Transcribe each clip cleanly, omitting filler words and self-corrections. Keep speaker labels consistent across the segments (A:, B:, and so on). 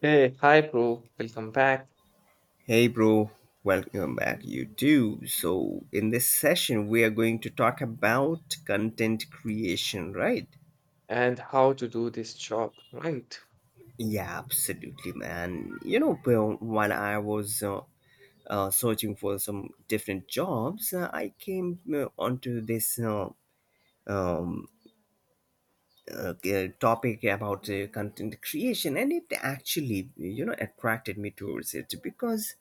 A: Hey, hi, bro. Welcome back.
B: Hey, bro, welcome back. You too. So, in this session, we are going to talk about content creation, right?
A: And how to do this job, right?
B: Yeah, absolutely, man. You know, bro, when I was searching for some different jobs, I came onto this um, topic about content creation, and it actually, you know, attracted me towards it because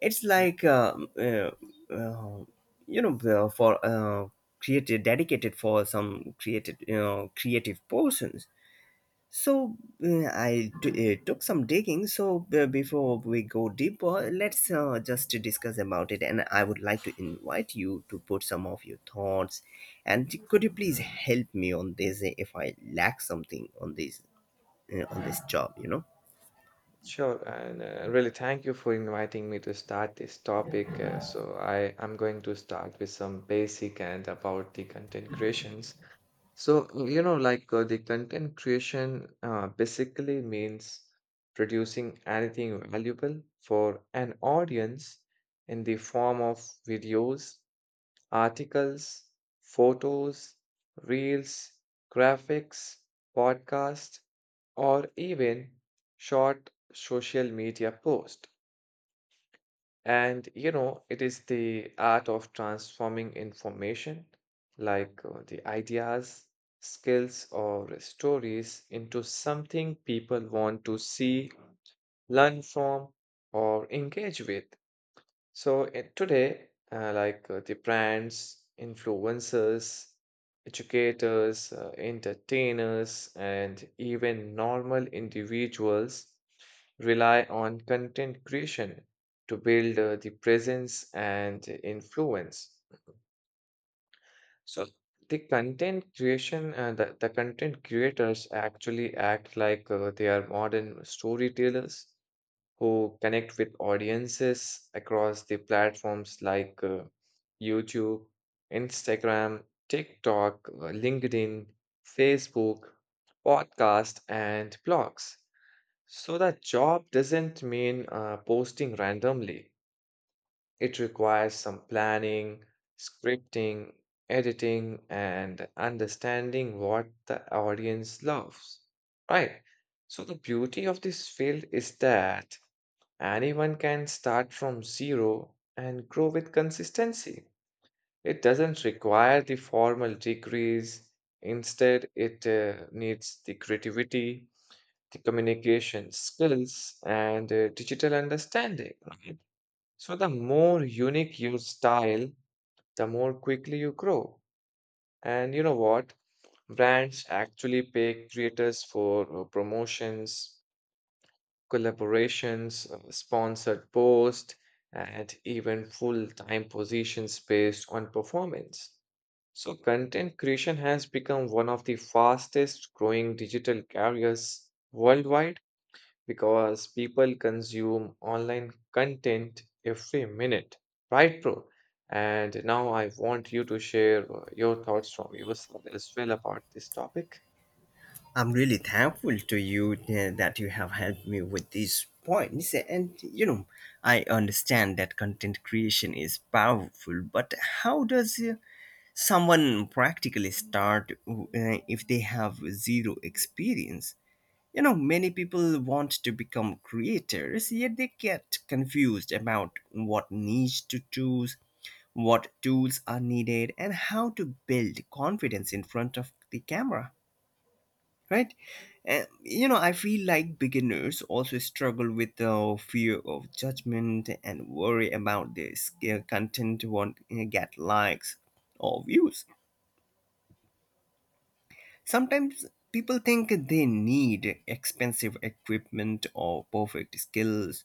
B: it's
A: Mm.
B: like uh, for created dedicated for some created you know creative persons. So I took some digging. So before we go deeper, let's just discuss about it, and I would like to invite you to put some of your thoughts, and could you please help me on this if I lack something on this, on this job, you know?
A: Sure. And really, thank you for inviting me to start this topic. So I am going to start with some basic and about the content creations. So, you know, the content creation basically means producing anything valuable for an audience in the form of videos, articles, photos, reels, graphics, podcasts, or even short social media posts. And you know, it is the art of transforming information, the ideas, skills, or stories, into something people want to see, learn from, or engage with. So today, the brands, influencers, educators, entertainers, and even normal individuals rely on content creation to build the presence and influence. So the content creation, the content creators actually act like they are modern storytellers who connect with audiences across the platforms like YouTube, Instagram, TikTok, LinkedIn, Facebook, podcast, and blogs. So that job doesn't mean posting randomly. It requires some planning, scripting, editing, and understanding what the audience loves. Right. So the beauty of this field is that anyone can start from zero and grow with consistency. It doesn't require the formal degrees. Instead, it needs the creativity, the communication skills, and digital understanding, right? So, the more unique your style, the more quickly you grow. And you know what? Brands actually pay creators for promotions, collaborations, sponsored posts, and even full time positions based on performance. So, content creation has become one of the fastest growing digital careers worldwide because people consume online content every minute, right, bro? And now I want you to share your thoughts from your side as well about this topic.
B: I'm really thankful to you that you have helped me with these points. And you know, I understand that content creation is powerful, but how does someone practically start if they have zero experience? You know, many people want to become creators, yet they get confused about what niche to choose, what tools are needed, and how to build confidence in front of the camera, right? And you know, I feel like beginners also struggle with the fear of judgment and worry about their skill content won't get likes or views. Sometimes people think they need expensive equipment or perfect skills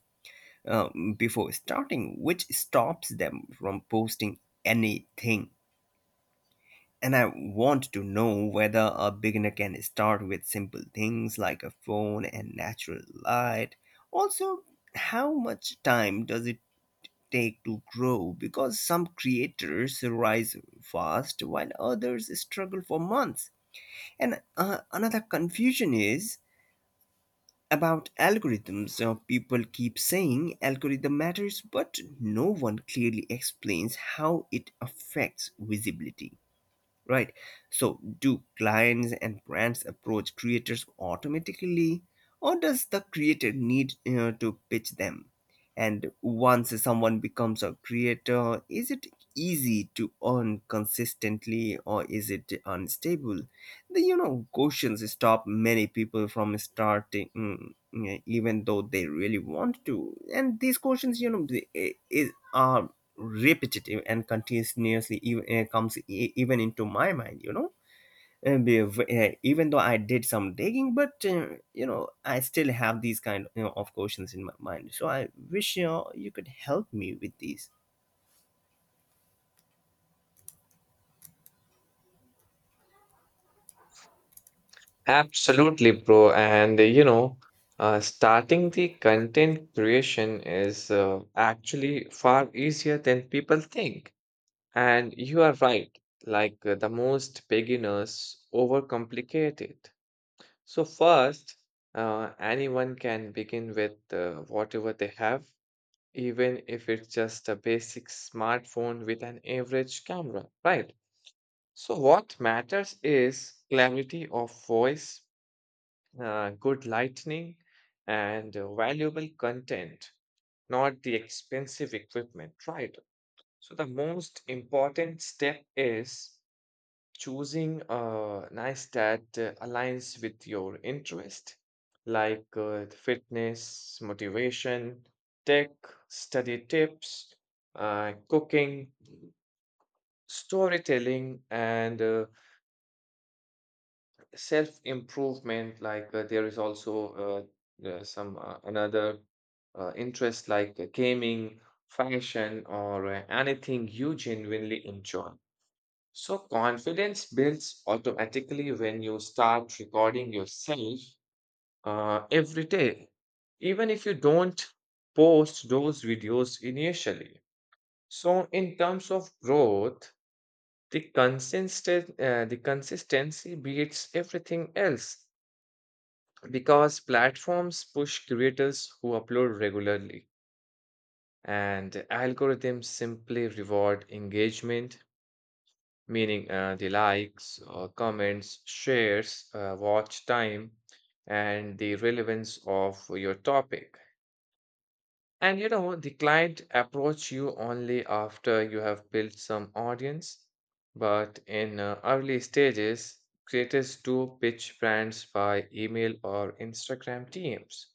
B: before starting, which stops them from posting anything. And I want to know whether a beginner can start with simple things like a phone and natural light. Also, how much time does it take to grow? Because some creators rise fast while others struggle for months. And another confusion is about algorithms. People keep saying algorithm matters, but no one clearly explains how it affects visibility, right? So, do clients and brands approach creators automatically, or does the creator need to pitch them? And once someone becomes a creator, is it easy to earn consistently, or is it unstable? The questions stop many people from starting, mm, yeah, even though they really want to. And these questions, you know, they- I- is are repetitive and continuously even, comes even into my mind. You know, and even though I did some digging, but you know, I still have these kind of questions in my mind. So I wish, you know, you could help me with these.
A: Absolutely, bro. And starting the content creation is actually far easier than people think. And you are right, like the most beginners overcomplicate it. So, first, anyone can begin with whatever they have, even if it's just a basic smartphone with an average camera, right? So, what matters is clarity of voice, good lighting, and valuable content, not the expensive equipment, right? So the most important step is choosing a nice that aligns with your interest, like fitness, motivation, tech, study tips, cooking, storytelling, and self improvement like there is also some another interest like gaming, fashion, or anything you genuinely enjoy. So confidence builds automatically when you start recording yourself every day, even if you don't post those videos initially. So in terms of growth, the consistency beats everything else because platforms push creators who upload regularly, and algorithms simply reward engagement, meaning the likes, comments, shares, watch time, and the relevance of your topic. And you know, the client approach you only after you have built some audience. But in early stages, creators do pitch brands by email or Instagram DMs.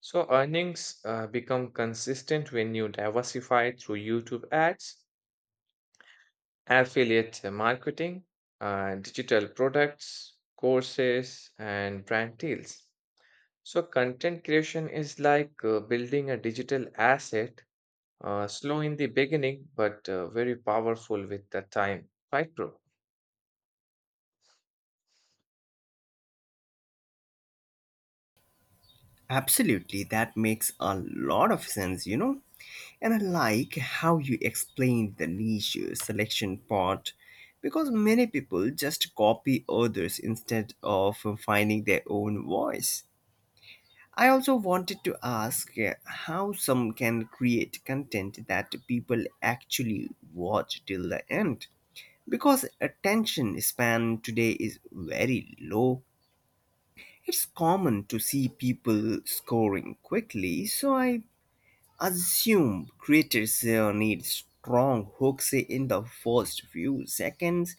A: So earnings become consistent when you diversify through YouTube ads, affiliate marketing, digital products, courses, and brand deals. So content creation is like building a digital asset, slow in the beginning, but very powerful with the time. Right, bro?
B: Absolutely, that makes a lot of sense, you know. And I like how you explained the niche selection part because many people just copy others instead of finding their own voice. I also wanted to ask how some can create content that people actually watch till the end. Because attention span today is very low. It's common to see people scoring quickly, so I assume creators need strong hooks in the first few seconds.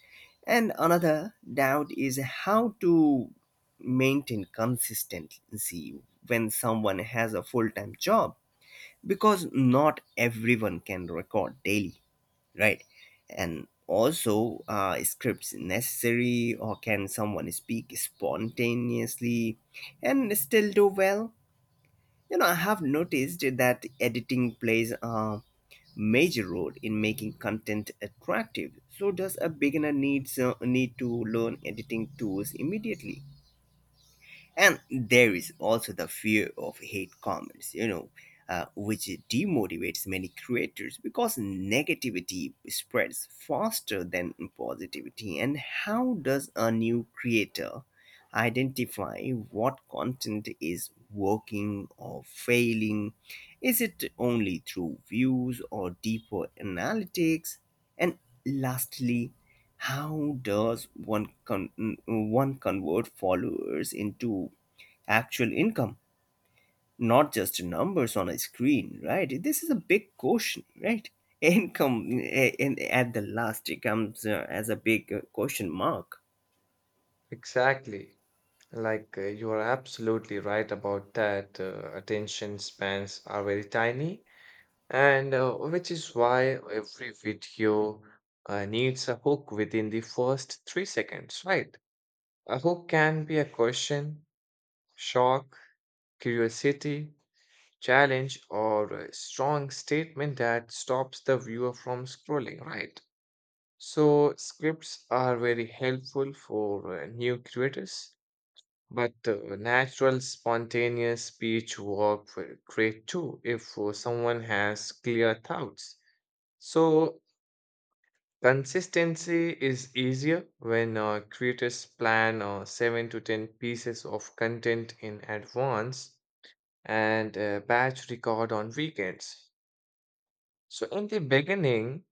B: And another doubt is how to maintain consistency when someone has a full time job, because not everyone can record daily, right? And also, scripts necessary, or can someone speak spontaneously and still do well? You know, I have noticed that editing plays a major role in making content attractive. So does a beginner need to learn editing tools immediately? And there is also the fear of hate comments, you know, which demotivates many creators because negativity spreads faster than positivity. And how does a new creator identify what content is working or failing? Is it only through views or deeper analytics? And lastly, how does one convert followers into actual income, not just numbers on a screen, right? This is a big question, right? Income eh, in, at the last it comes as a big question mark.
A: Exactly. You are absolutely right about that. Attention spans are very tiny, and which is why every video needs a hook within the first 3 seconds, right? A hook can be a question, shock, curiosity, challenge, or a strong statement that stops the viewer from scrolling, right? So scripts are very helpful for new creators, but natural, spontaneous speech work will great too if someone has clear thoughts. So consistency is easier when creators plan 7 to 10 pieces of content in advance and batch record on weekends. So in the beginning,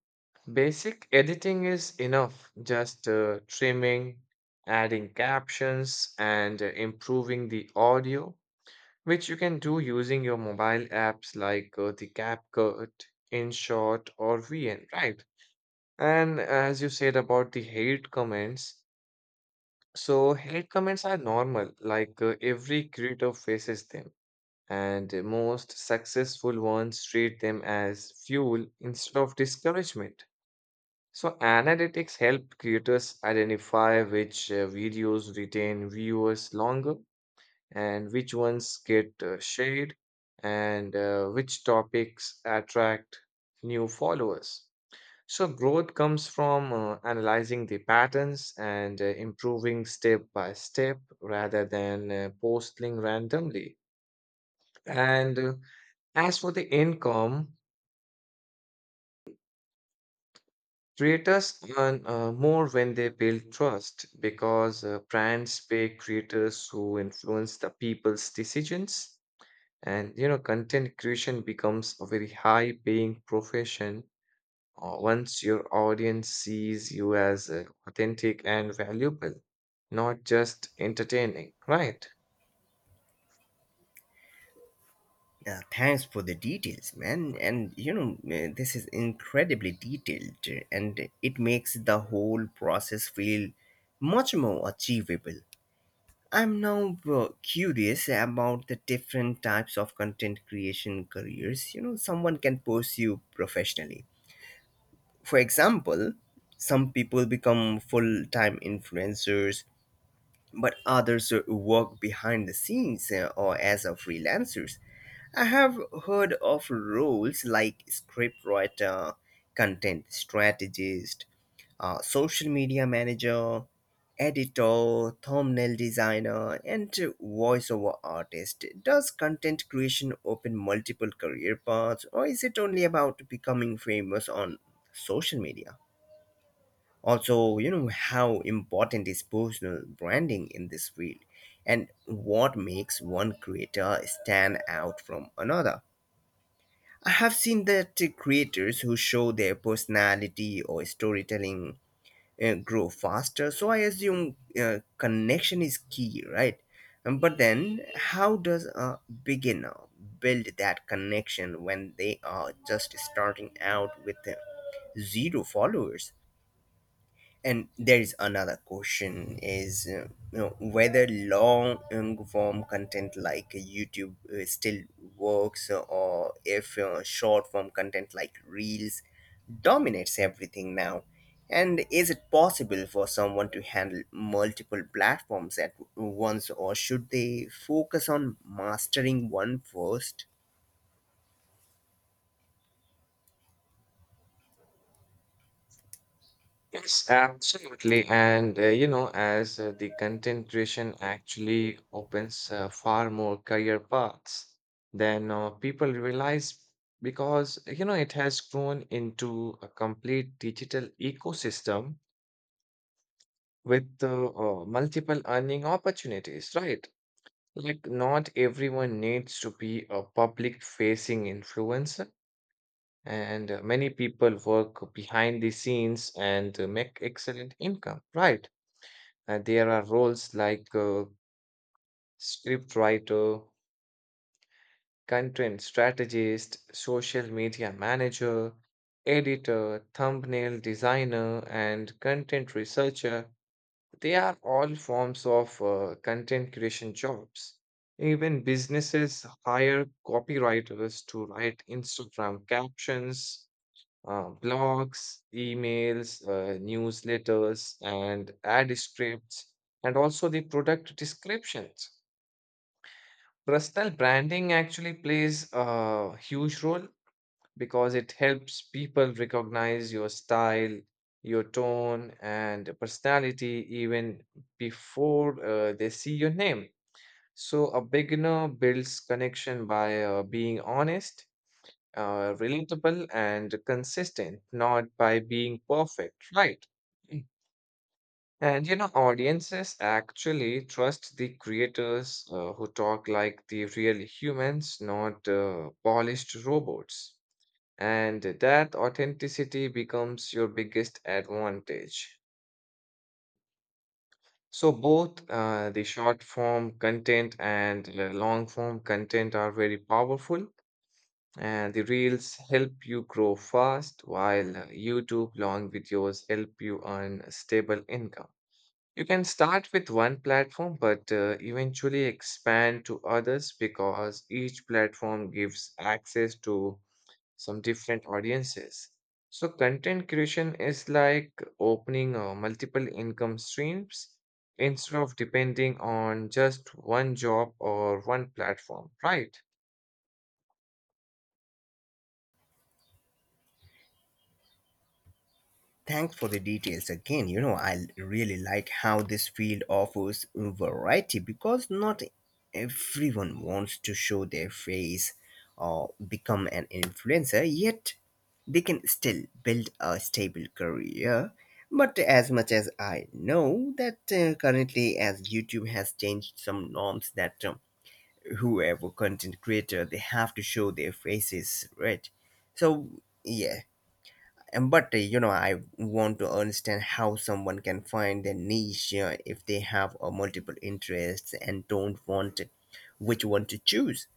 A: basic editing is enough, just trimming, adding captions, and improving the audio, which you can do using your mobile apps like the CapCut, InShot, or VN, right? And as you said about the hate comments, so hate comments are normal, like every creator faces them, and most successful ones treat them as fuel instead of discouragement. So, analytics help creators identify which videos retain viewers longer and which ones get shared and which topics attract new followers. So, growth comes from analyzing the patterns and improving step by step rather than posting randomly. And as for the income, creators earn more when they build trust because brands pay creators who influence the people's decisions. And you know, content creation becomes a very high-paying profession once your audience sees you as authentic and valuable, not just entertaining, right?
B: Thanks for the details, man. And you know, this is incredibly detailed and it makes the whole process feel much more achievable. I'm now curious about the different types of content creation careers, you know, someone can pursue professionally. For example, some people become full time influencers, but others work behind the scenes or as a freelancers. I have heard of roles like scriptwriter, content strategist, social media manager, editor, thumbnail designer, and voiceover artist. Does content creation open multiple career paths, or is it only about becoming famous on social media? Also, you know, how important is personal branding in this field, and what makes one creator stand out from another? I have seen that creators who show their personality or storytelling grow faster. So I assume connection is key, right? But then, how does a beginner build that connection when they are just starting out with zero followers? And there is another question is you know, whether long form content like YouTube still works, or if short form content like reels dominates everything now. And is it possible for someone to handle multiple platforms at once, or should they focus on mastering one first?
A: Yes, absolutely. And you know, as the content creation actually opens far more career paths than people realize because you know it has grown into a complete digital ecosystem with multiple earning opportunities, right? Like not everyone needs to be a public facing influencer, and many people work behind the scenes and make excellent income, right? And there are roles like scriptwriter, content strategist, social media manager, editor, thumbnail designer, and content researcher. They are all forms of content creation jobs. Even businesses hire copywriters to write Instagram captions, blogs, emails, newsletters, and ad scripts, and also the product descriptions. Personal branding actually plays a huge role because it helps people recognize your style, your tone, and personality even before they see your name. So, a beginner builds connection by being honest, relatable, and consistent, not by being perfect, right? And you know, audiences actually trust the creators who talk like the real humans, not polished robots. And that authenticity becomes your biggest advantage. So, both the short form content and long form content are very powerful. And the reels help you grow fast, while YouTube long videos help you earn stable income. You can start with one platform, but eventually expand to others because each platform gives access to some different audiences. So, content creation is like opening multiple income streams instead of depending on just one job or one platform, right?
B: Thanks for the details again. You know, I really like how this field offers variety because not everyone wants to show their face or become an influencer, yet they can still build a stable career. But as much as I know that currently, as YouTube has changed some norms that whoever content creator, they have to show their faces, right? So yeah, and but you know, I want to understand how someone can find their niche if they have multiple interests and don't want which one to choose.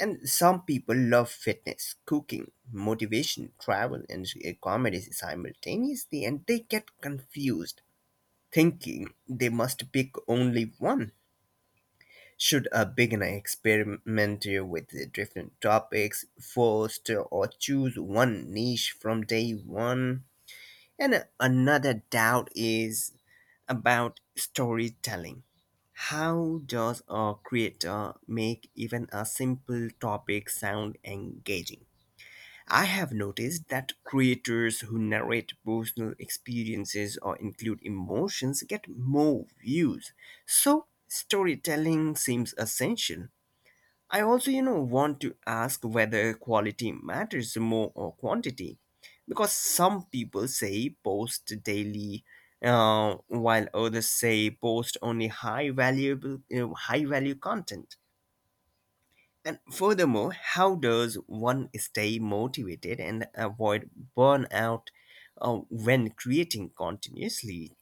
B: And some people love fitness, cooking, motivation, travel, and comedy simultaneously, and they get confused, thinking they must pick only one. Should a beginner experiment with the different topics first, or choose one niche from day one? And another doubt is about storytelling. How does a creator make even a simple topic sound engaging? I have noticed that creators who narrate personal experiences or include emotions get more views. So, storytelling seems essential. I also, you know, want to ask whether quality matters more or quantity, because some people say post daily, while others say post only high valuable, high value content. And furthermore, how does one stay motivated and avoid burnout when creating continuously?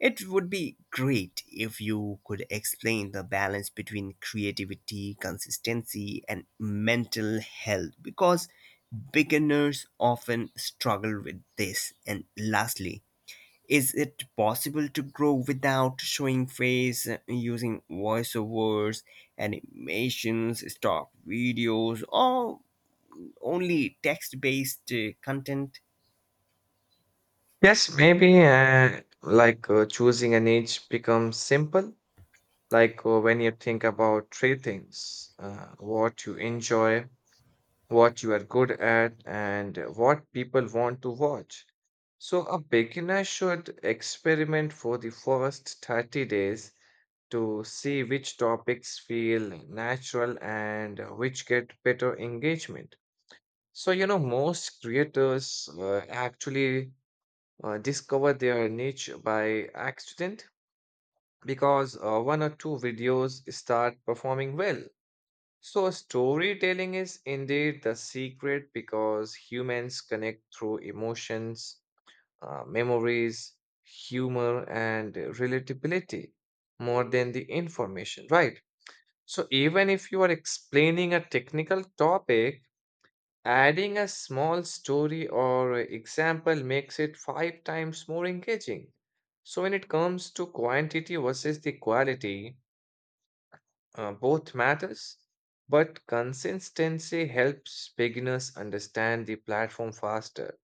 B: It would be great if you could explain the balance between creativity, consistency, and mental health, because beginners often struggle with this. And lastly, is it possible to grow without showing face, using voiceovers, animations, stock videos, or only text based content?
A: Yes, maybe choosing a niche becomes simple. When you think about three things, what you enjoy, what you are good at, and what people want to watch. So, a beginner should experiment for the first 30 days to see which topics feel natural and which get better engagement. So, you know, most creators actually discover their niche by accident because one or two videos start performing well. So, storytelling is indeed the secret because humans connect through emotions, memories, humor, and relatability more than the information, right? So, even if you are explaining a technical topic, adding a small story or example makes it 5 times more engaging. So, when it comes to quantity versus the quality, both matters, but consistency helps beginners understand the platform faster.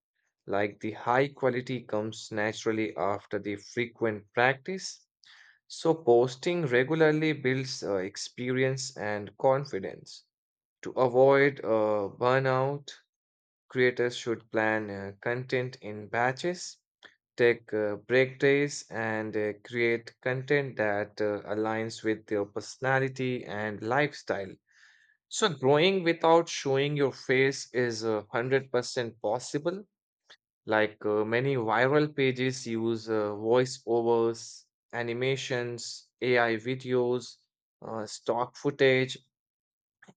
A: Like the high quality comes naturally after the frequent practice. So, posting regularly builds experience and confidence. To avoid burnout, creators should plan content in batches, take break days, and create content that aligns with your personality and lifestyle. So, growing without showing your face is 100% possible. Like many viral pages use voiceovers, animations, AI videos, stock footage,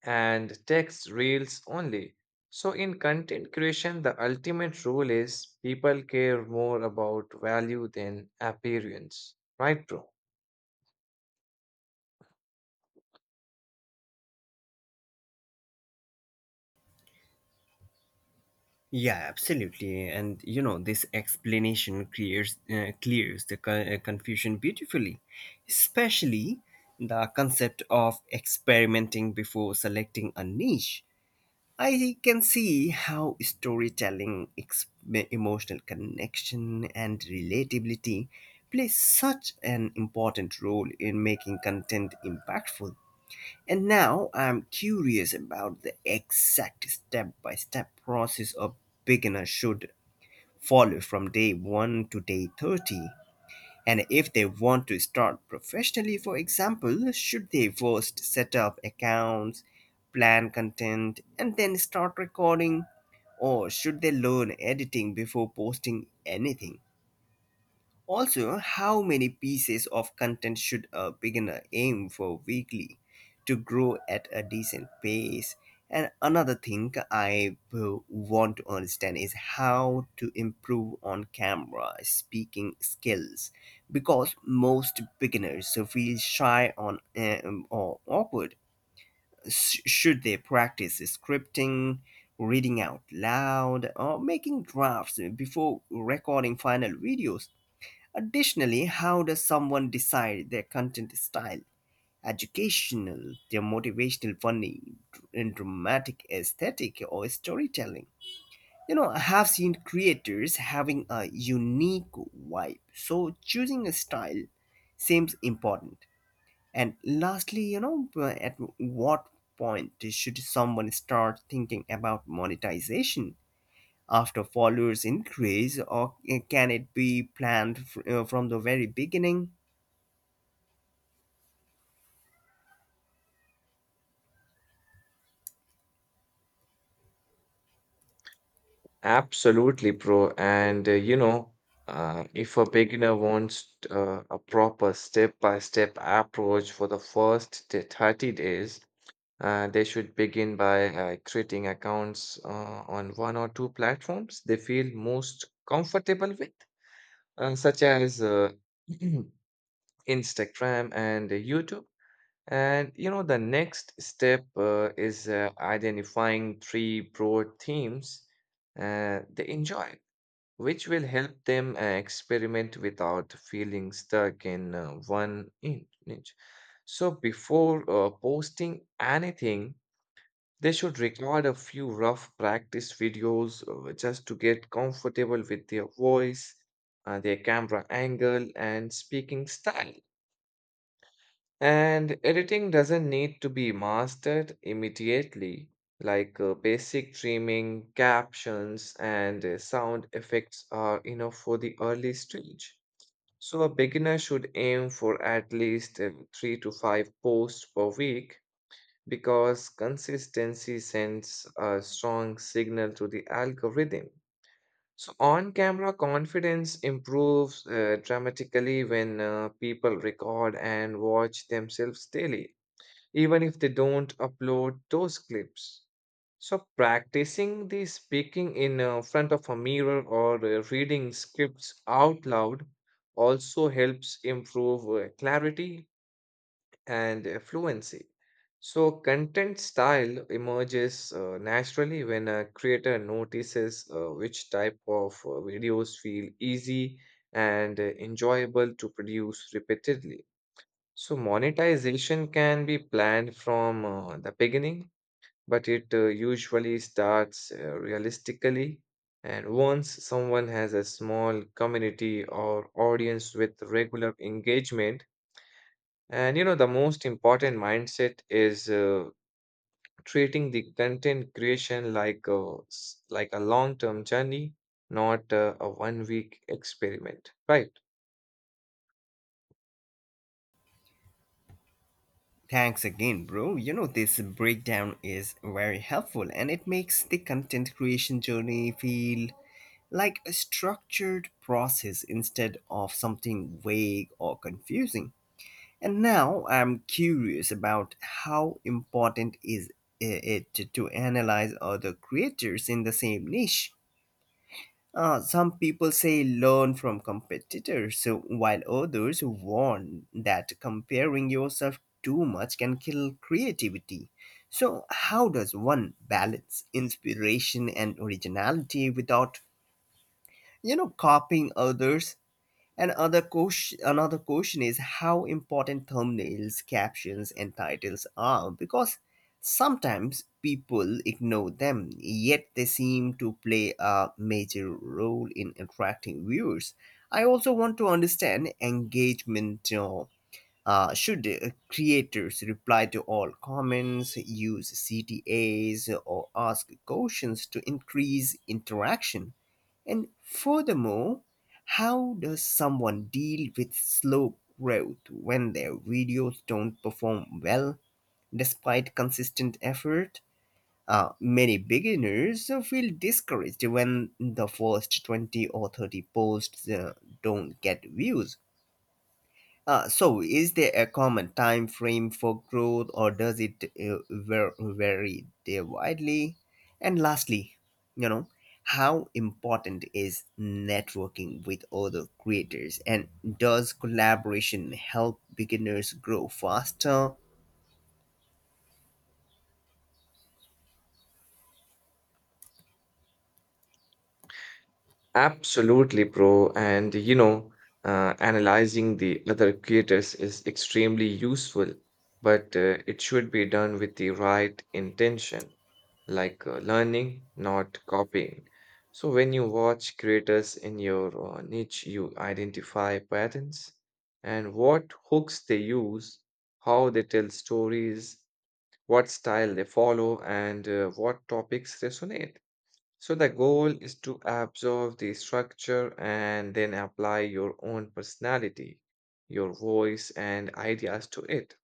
A: and text reels only. So, in content creation, the ultimate rule is people care more about value than appearance, right, bro?
B: Yeah, absolutely. And you know, this explanation clears the confusion beautifully, especially the concept of experimenting before selecting a niche. I can see how storytelling, emotional connection, and relatability play such an important role in making content impactful. And now I'm curious about the exact step by step process a beginner should follow from day 1 to day 30. And if they want to start professionally, for example, should they first set up accounts, plan content, and then start recording? Or should they learn editing before posting anything? Also, how many pieces of content should a beginner aim for weekly to grow at a decent pace? And another thing I want to understand is how to improve on camera speaking skills, because most beginners feel shy on or awkward. Should they practice scripting, reading out loud, or making drafts before recording final videos? Additionally, how does someone decide their content style? Educational, their motivational, funny, and dramatic aesthetic or storytelling. You know, I have seen creators having a unique vibe, so choosing a style seems important. And lastly, you know, at what point should someone start thinking about monetization? After followers increase, or can it be planned from the very beginning?
A: Absolutely, bro. And if a beginner wants a proper step-by-step approach for the first 30 days, they should begin by creating accounts on one or two platforms they feel most comfortable with, such as Instagram and YouTube. And you know, the next step is identifying three broad themes they enjoy, which will help them experiment without feeling stuck in one niche. So, before posting anything, they should record a few rough practice videos just to get comfortable with their voice, their camera angle, and speaking style. And editing doesn't need to be mastered immediately, like basic trimming, captions, and sound effects are enough for the early stage. So, a beginner should aim for at least 3 to 5 posts per week because consistency sends a strong signal to the algorithm. So, on camera confidence improves dramatically when people record and watch themselves daily, even if they don't upload those clips. So, practicing the speaking in front of a mirror or reading scripts out loud also helps improve clarity and fluency. So, content style emerges naturally when a creator notices which type of videos feel easy and enjoyable to produce repeatedly. So monetization can be planned from the beginning, but it usually starts realistically. And once someone has a small community or audience with regular engagement, and you know, the most important mindset is treating the content creation like a like a long-term journey, not a one-week experiment, right?
B: Thanks again, bro. You know, this breakdown is very helpful and it makes the content creation journey feel like a structured process instead of something vague or confusing. And now I'm curious about how important is it to analyze other creators in the same niche. Some people say learn from competitors, while others warn that comparing yourself too much can kill creativity. So, how does one balance inspiration and originality without, you know, copying others? And another question is how important thumbnails, captions, and titles are, because sometimes people ignore them, yet they seem to play a major role in attracting viewers. I also want to understand engagement. Should creators reply to all comments, use CTAs, or ask questions to increase interaction? And furthermore, how does someone deal with slow growth when their videos don't perform well despite consistent effort? Many beginners feel discouraged when the first 20 or 30 posts don't get views. So, is there a common time frame for growth, or does it vary there widely? And lastly, you know, how important is networking with other creators, and does collaboration help beginners grow faster?
A: Absolutely, bro. And you know, analyzing the other creators is extremely useful, but it should be done with the right intention, like learning, not copying. So when you watch creators in your niche, you identify patterns and what hooks they use, how they tell stories, what style they follow, and what topics resonate. So the goal is to absorb the structure and then apply your own personality, your voice and ideas to it.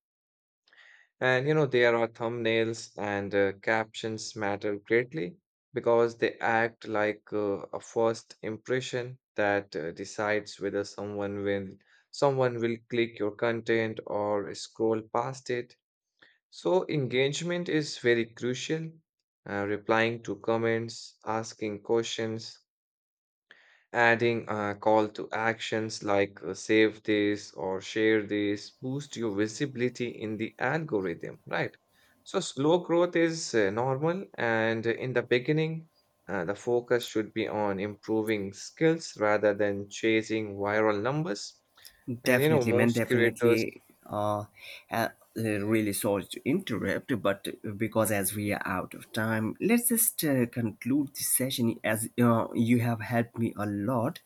A: And you know, there are thumbnails and captions matter greatly because they act like a first impression that decides whether someone will click your content or scroll past it. So engagement is very crucial, replying to comments, asking questions, adding a call to actions like save this or share this boost your visibility in the algorithm, right? So slow growth is normal, and in the beginning, the focus should be on improving skills rather than chasing viral numbers. And you know,
B: Definitely, man,
A: most creators,
B: definitely. Uh, uh, Really sorry to interrupt, but because as we are out of time, let's just conclude this session, as you have helped me a lot.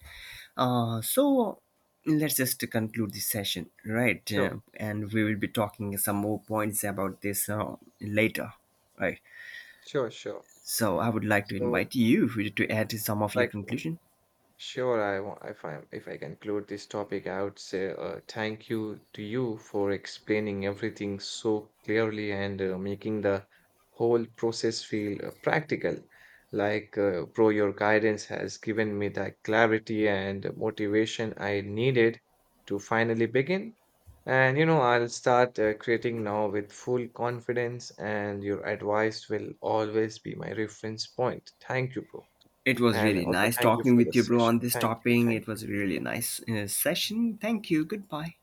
B: So let's just conclude this session, right?
A: sure,
B: And we will be talking some more points about this later, right?
A: sure.
B: So I would like to
A: So
B: invite you to add some of your
A: like
B: conclusion.
A: sure, I want if I conclude this topic, I would say thank you to you for explaining everything so clearly and making the whole process feel practical. Like, bro, your guidance has given me the clarity and motivation I needed to finally begin. And you know, I'll start creating now with full confidence, and your advice will always be my reference point. Thank you, bro.
B: It was
A: And
B: really
A: also,
B: nice
A: thank you
B: talking
A: for the
B: with you, bro,
A: session.
B: on this
A: Thank you.
B: topic.
A: Thank
B: It
A: you.
B: was a really nice session. Thank you. Goodbye.